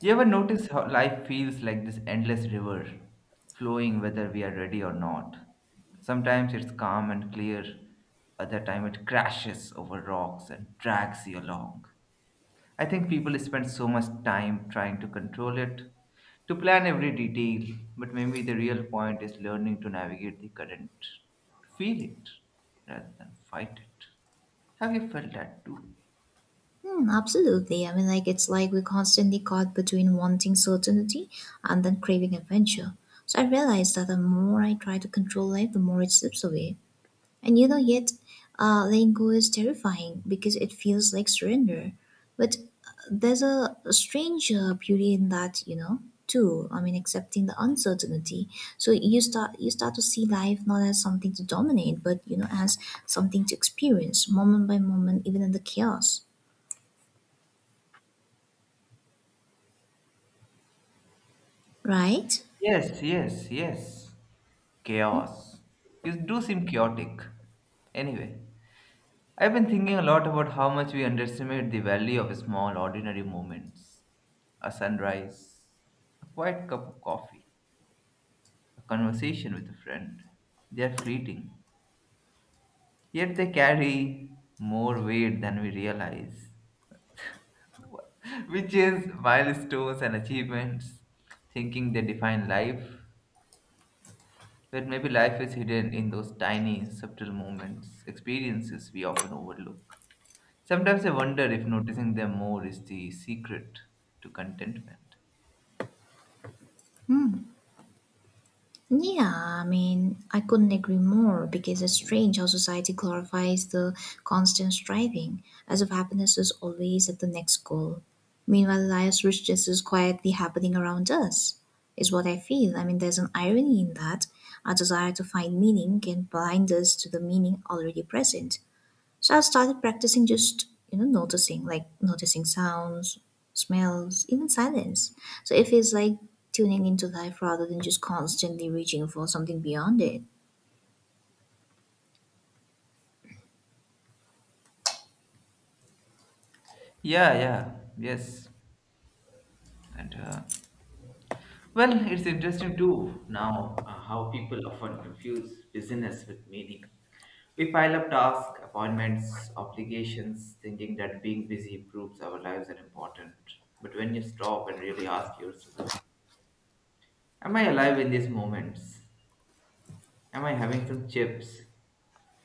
You ever notice how life feels like this endless river, flowing whether we are ready or not? Sometimes it's calm and clear, other time it crashes over rocks and drags you along. I think people spend so much time trying to control it, to plan every detail, but maybe the real point is learning to navigate the current, to feel it rather than fight it. Have you felt that too? Hmm, absolutely. It's like we're constantly caught between wanting certainty and then craving adventure. So I realized that the more I try to control life, the more it slips away. And you know, yet letting go is terrifying because it feels like surrender. But there's a strange beauty in that too. I mean, accepting the uncertainty. So you start to see life not as something to dominate, but you know, as something to experience moment by moment, even in the chaos. Right? Yes, yes, yes. Chaos. You do seem chaotic. Anyway, I've been thinking a lot about how much we underestimate the value of small, ordinary moments. A sunrise, a quiet cup of coffee, a conversation with a friend. They are fleeting, yet they carry more weight than we realize, which is milestones and achievements, thinking they define life. But maybe life is hidden in those tiny, subtle moments, experiences we often overlook. Sometimes I wonder if noticing them more is the secret to contentment. Yeah, I mean, I couldn't agree more because it's strange how society glorifies the constant striving, as if happiness is always at the next goal. Meanwhile, life's richness is quietly happening around us, is what I feel. I mean, there's an irony in that. Our desire to find meaning can blind us to the meaning already present. So I started practicing just, you know, noticing, like noticing sounds, smells, even silence. So it feels like tuning into life rather than just constantly reaching for something beyond it. Yeah, yeah, yes. And, uh, it's interesting too now how people often confuse busyness with meaning. We pile up tasks, appointments, obligations, thinking that being busy proves our lives are important. But when you stop and really ask yourself, am I alive in these moments? Am I having some chips?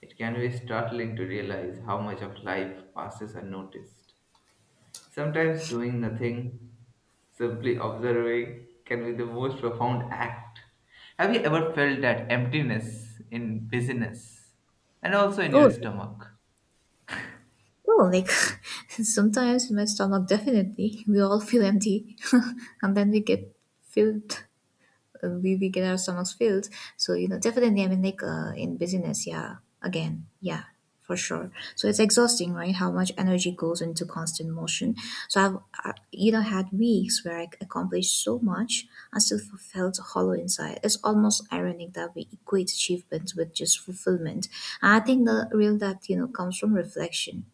It can be startling to realize how much of life passes unnoticed. Sometimes doing nothing, simply observing, can be the most profound act. Have you ever felt that emptiness in business and also in your Oh, stomach? oh, like sometimes in my stomach, definitely, we all feel empty and then we get filled. We get our stomachs filled. So you know, definitely, I mean, in business, yeah, again, yeah, for sure. So it's exhausting, right? How much energy goes into constant motion. So I've you know, had weeks where I accomplished so much, I felt hollow inside. It's almost ironic that we equate achievements with just fulfillment. And I think the real depth, you know, comes from reflection.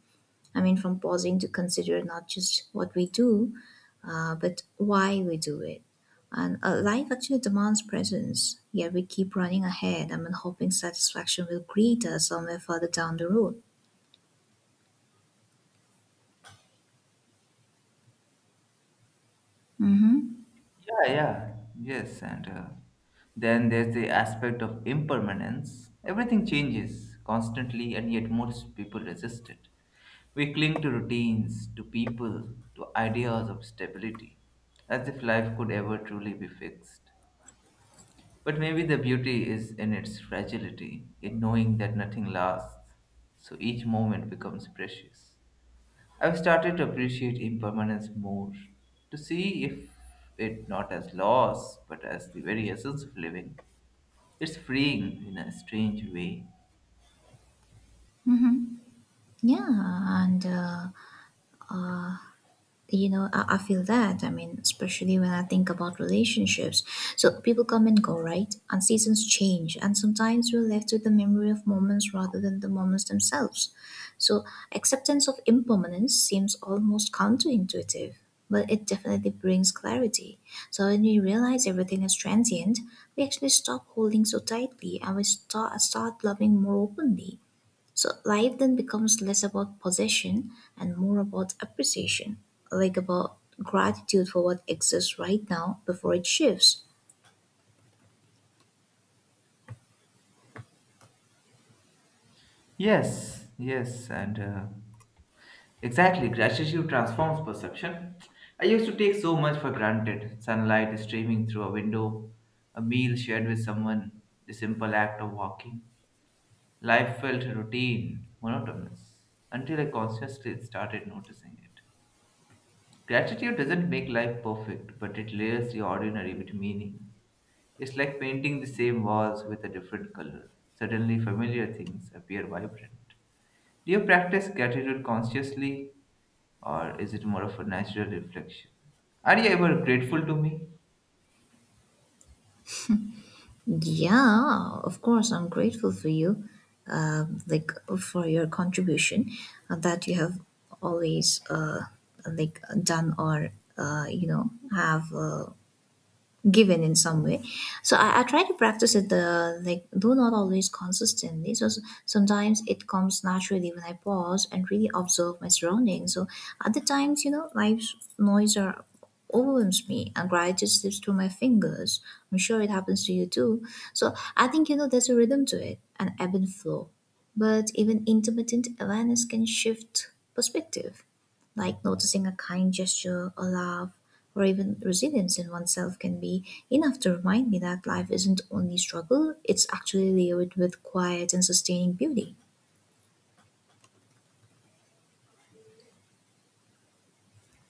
I mean, from pausing to consider not just what we do, but why we do it. And life actually demands presence, yet we keep running ahead. I mean, hoping satisfaction will greet us somewhere further down the road. Yeah, yeah, yes, and then there's the aspect of impermanence. Everything changes constantly, and yet most people resist it. We cling to routines, to people, to ideas of stability, as if life could ever truly be fixed. But maybe the beauty is in its fragility, in knowing that nothing lasts, so each moment becomes precious. I've started to appreciate impermanence more, to see if it not as loss, but as the very essence of living. It's freeing in a strange way. Yeah, and you know, I feel that. I mean, especially when I think about relationships. So people come and go, right? And seasons change, and sometimes we're left with the memory of moments rather than the moments themselves. So acceptance of impermanence seems almost counterintuitive, but it definitely brings clarity. So when we realize everything is transient, we actually stop holding so tightly, and we start loving more openly. So life then becomes less about possession and more about appreciation, like about gratitude for what exists right now before it shifts. Yes, yes, and exactly, gratitude transforms perception. I used to take so much for granted sunlight streaming through a window, a meal shared with someone, the simple act of walking. Life felt routine, monotonous, until I consciously started noticing it. Gratitude doesn't make life perfect, but it layers the ordinary with meaning. It's like painting the same walls with a different color. Suddenly, familiar things appear vibrant. Do you practice gratitude consciously, or is it more of a natural reflection? Are you ever grateful to me? Yeah, of course, I'm grateful for you, like for your contribution that you have always like done or you know have. Given in some way. So I try to practice it, the like, though not always consistently. So sometimes it comes naturally when I pause and really observe my surroundings. So other times, you know, life's noise are overwhelms me, and gratitude slips through my fingers. I'm sure it happens to you too. So I think, you know, there's a rhythm to it, an ebb and flow, but even intermittent awareness can shift perspective, like noticing a kind gesture, a laugh, or even resilience in oneself can be enough to remind me that life isn't only struggle. It's actually layered with quiet and sustaining beauty.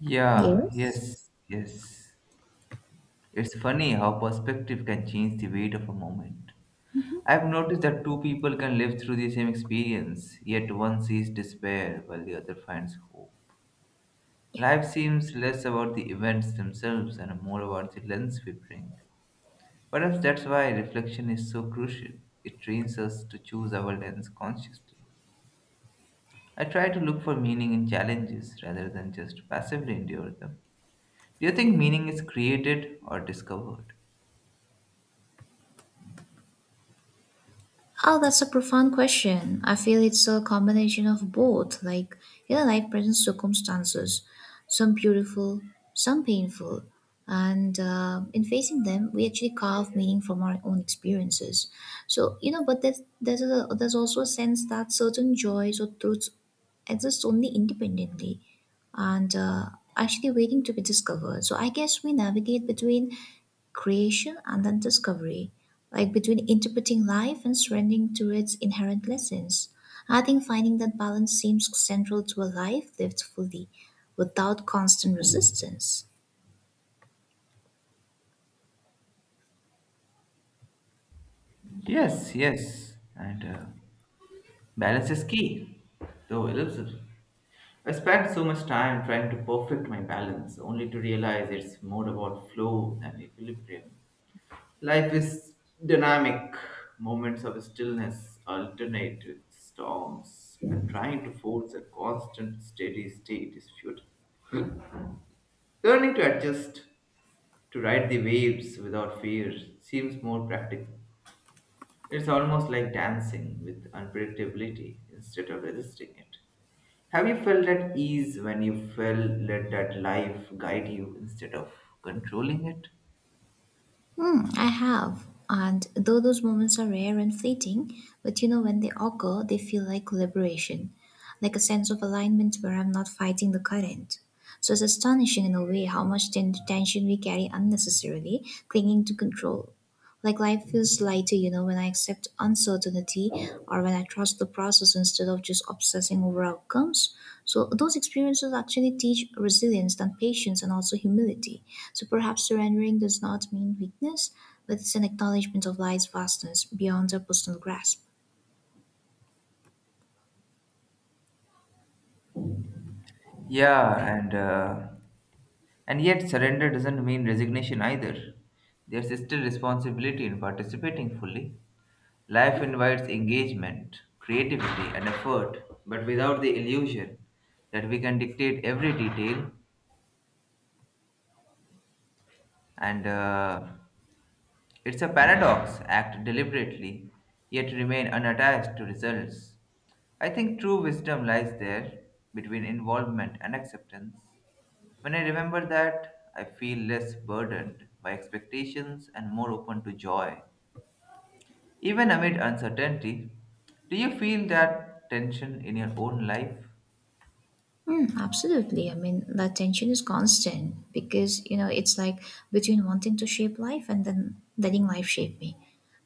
Yeah, Yes? yes, yes. It's funny how perspective can change the weight of a moment. I've noticed that two people can live through the same experience, yet one sees despair while the other finds hope. Yeah. Life seems less about the events themselves and more about the lens we bring. Perhaps that's why reflection is so crucial. It trains us to choose our lens consciously. I try to look for meaning in challenges rather than just passively endure them. Do you think meaning is created or discovered? Oh, that's a profound question. I feel it's a combination of both. Like, you know, life present circumstances, some beautiful, some painful. And in facing them, we actually carve meaning from our own experiences. So, you know, but there's also a sense that certain joys or truths exist only independently, and actually waiting to be discovered. So I guess we navigate between creation and then discovery, like between interpreting life and surrendering to its inherent lessons. I think finding that balance seems central to a life lived fully without constant resistance. Yes, yes. And balance is key, though elusive. I spent so much time trying to perfect my balance, only to realize it's more about flow than equilibrium. Life is dynamic. Moments of stillness alternate with storms, and trying to force a constant, steady state is futile. Learning to adjust, to ride the waves without fear seems more practical. It's almost like dancing with unpredictability instead of resisting it. Have you felt at ease when you felt let that life guide you instead of controlling it? Hmm, I have. And though those moments are rare and fleeting, but you know, when they occur, they feel like liberation, like a sense of alignment where I'm not fighting the current. So it's astonishing in a way how much tension we carry unnecessarily, clinging to control. Like life feels lighter, you know, when I accept uncertainty or when I trust the process instead of just obsessing over outcomes. So those experiences actually teach resilience and patience and also humility. So perhaps surrendering does not mean weakness, but it's an acknowledgement of life's vastness beyond our personal grasp. Yeah, and uh, and yet surrender doesn't mean resignation either. There's still responsibility in participating fully. Life invites engagement, creativity, and effort, but without the illusion that we can dictate every detail. And it's a paradox act deliberately, yet remain unattached to results. I think true wisdom lies there between involvement and acceptance. When I remember that, I feel less burdened by expectations and more open to joy. Even amid uncertainty, do you feel that tension in your own life? Mm, absolutely. I mean, that tension is constant because, you know, it's like between wanting to shape life and then letting life shape me.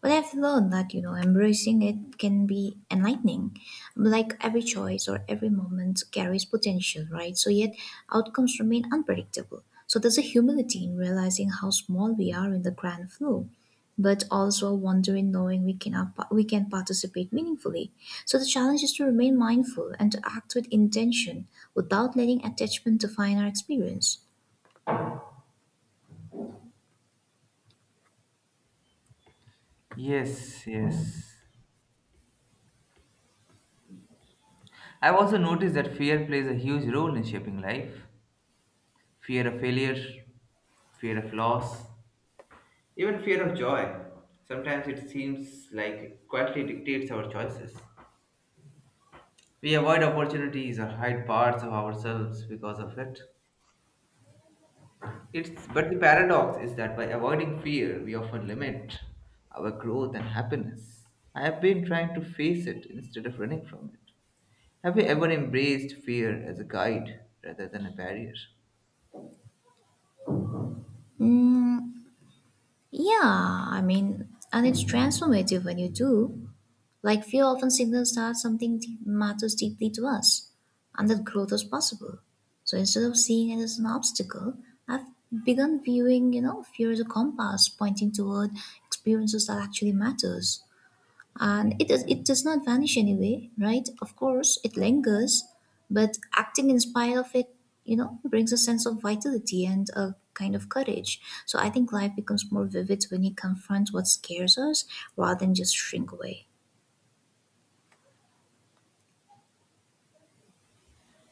But I've learned that, you know, embracing it can be enlightening. Like every choice or every moment carries potential, right? So yet outcomes remain unpredictable. So there's a humility in realizing how small we are in the grand flow, but also wondering, knowing we cannot pa- we can participate meaningfully. So the challenge is to remain mindful and to act with intention without letting attachment define our experience. Yes, yes. I've also noticed that fear plays a huge role in shaping life. Fear of failure, fear of loss, even fear of joy. Sometimes it seems like it quietly dictates our choices. We avoid opportunities or hide parts of ourselves because of it. It's but the paradox is that by avoiding fear, we often limit our growth and happiness. I have been trying to face it instead of running from it. Have you ever embraced fear as a guide rather than a barrier? Mm, yeah, I mean, and it's transformative when you do. Like fear often signals that something deep matters deeply to us, and that growth is possible. So instead of seeing it as an obstacle, I've begun viewing, you know, fear as a compass pointing toward experiences that actually matters. And it does not vanish anyway, right? Of course it lingers, but acting in spite of it, you know, brings a sense of vitality and a kind of courage. So I think life becomes more vivid when you confront what scares us rather than just shrink away.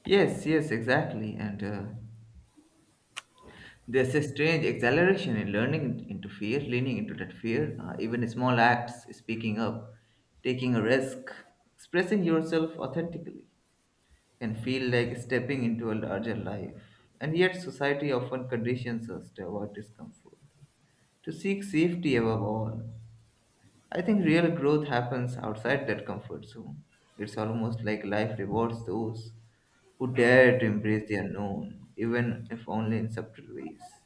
Yes, yes, exactly. And there's a strange acceleration in learning into fear, leaning into that fear. Even small acts, speaking up, taking a risk, expressing yourself authentically, can feel like stepping into a larger life. And yet, society often conditions us to avoid discomfort, to seek safety above all. I think real growth happens outside that comfort zone. It's almost like life rewards those who dare to embrace the unknown, even if only in subtle ways.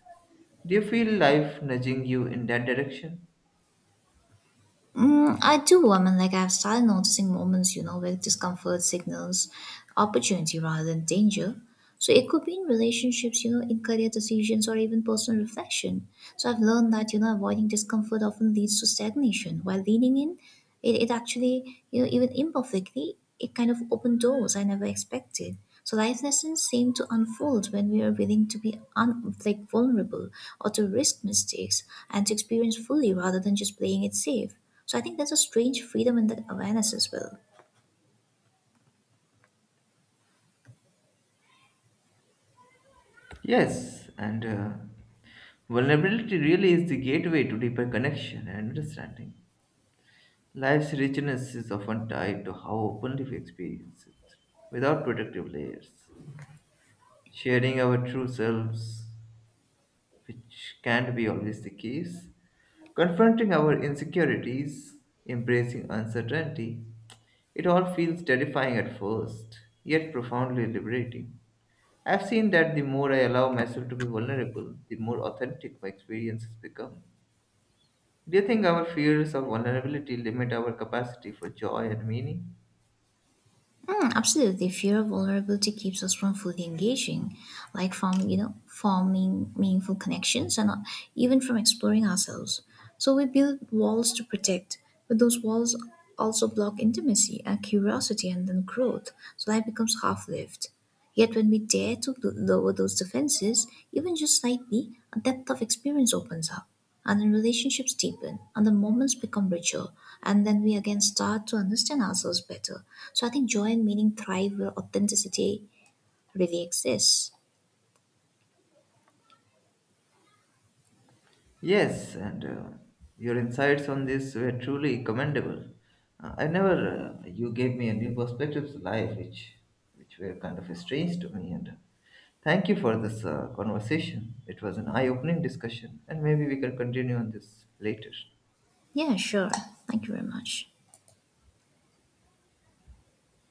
Do you feel life nudging you in that direction? Mm, I do. I mean, like I've started noticing moments, you know, where discomfort signals opportunity rather than danger. So it could be in relationships, you know, in career decisions or even personal reflection. So I've learned that, you know, avoiding discomfort often leads to stagnation, while leaning in, it actually, you know, even imperfectly, it kind of opened doors I never expected. So life lessons seem to unfold when we are willing to like vulnerable or to risk mistakes and to experience fully rather than just playing it safe. So I think there's a strange freedom in that awareness as well. Yes, and vulnerability really is the gateway to deeper connection and understanding. Life's richness is often tied to how openly we experience it, without protective layers. Sharing our true selves, which can't be always the case, confronting our insecurities, embracing uncertainty, it all feels terrifying at first, yet profoundly liberating. I've seen that the more I allow myself to be vulnerable, the more authentic my experiences become. Do you think our fears of vulnerability limit our capacity for joy and meaning? Mm, absolutely, fear of vulnerability keeps us from fully engaging, like from you know forming meaningful connections and even from exploring ourselves. So we build walls to protect, but those walls also block intimacy and curiosity and then growth. So life becomes half-lived. Yet when we dare to lower those defenses, even just slightly, a depth of experience opens up. And the relationships deepen, and the moments become richer, and then we again start to understand ourselves better. So I think joy and meaning thrive where authenticity really exists. Yes, and your insights on this were truly commendable. I never, you gave me a new perspective to life, which were kind of strange to me. And thank you for this conversation. It was an eye-opening discussion, and maybe we can continue on this later. Yeah, sure. Thank you very much.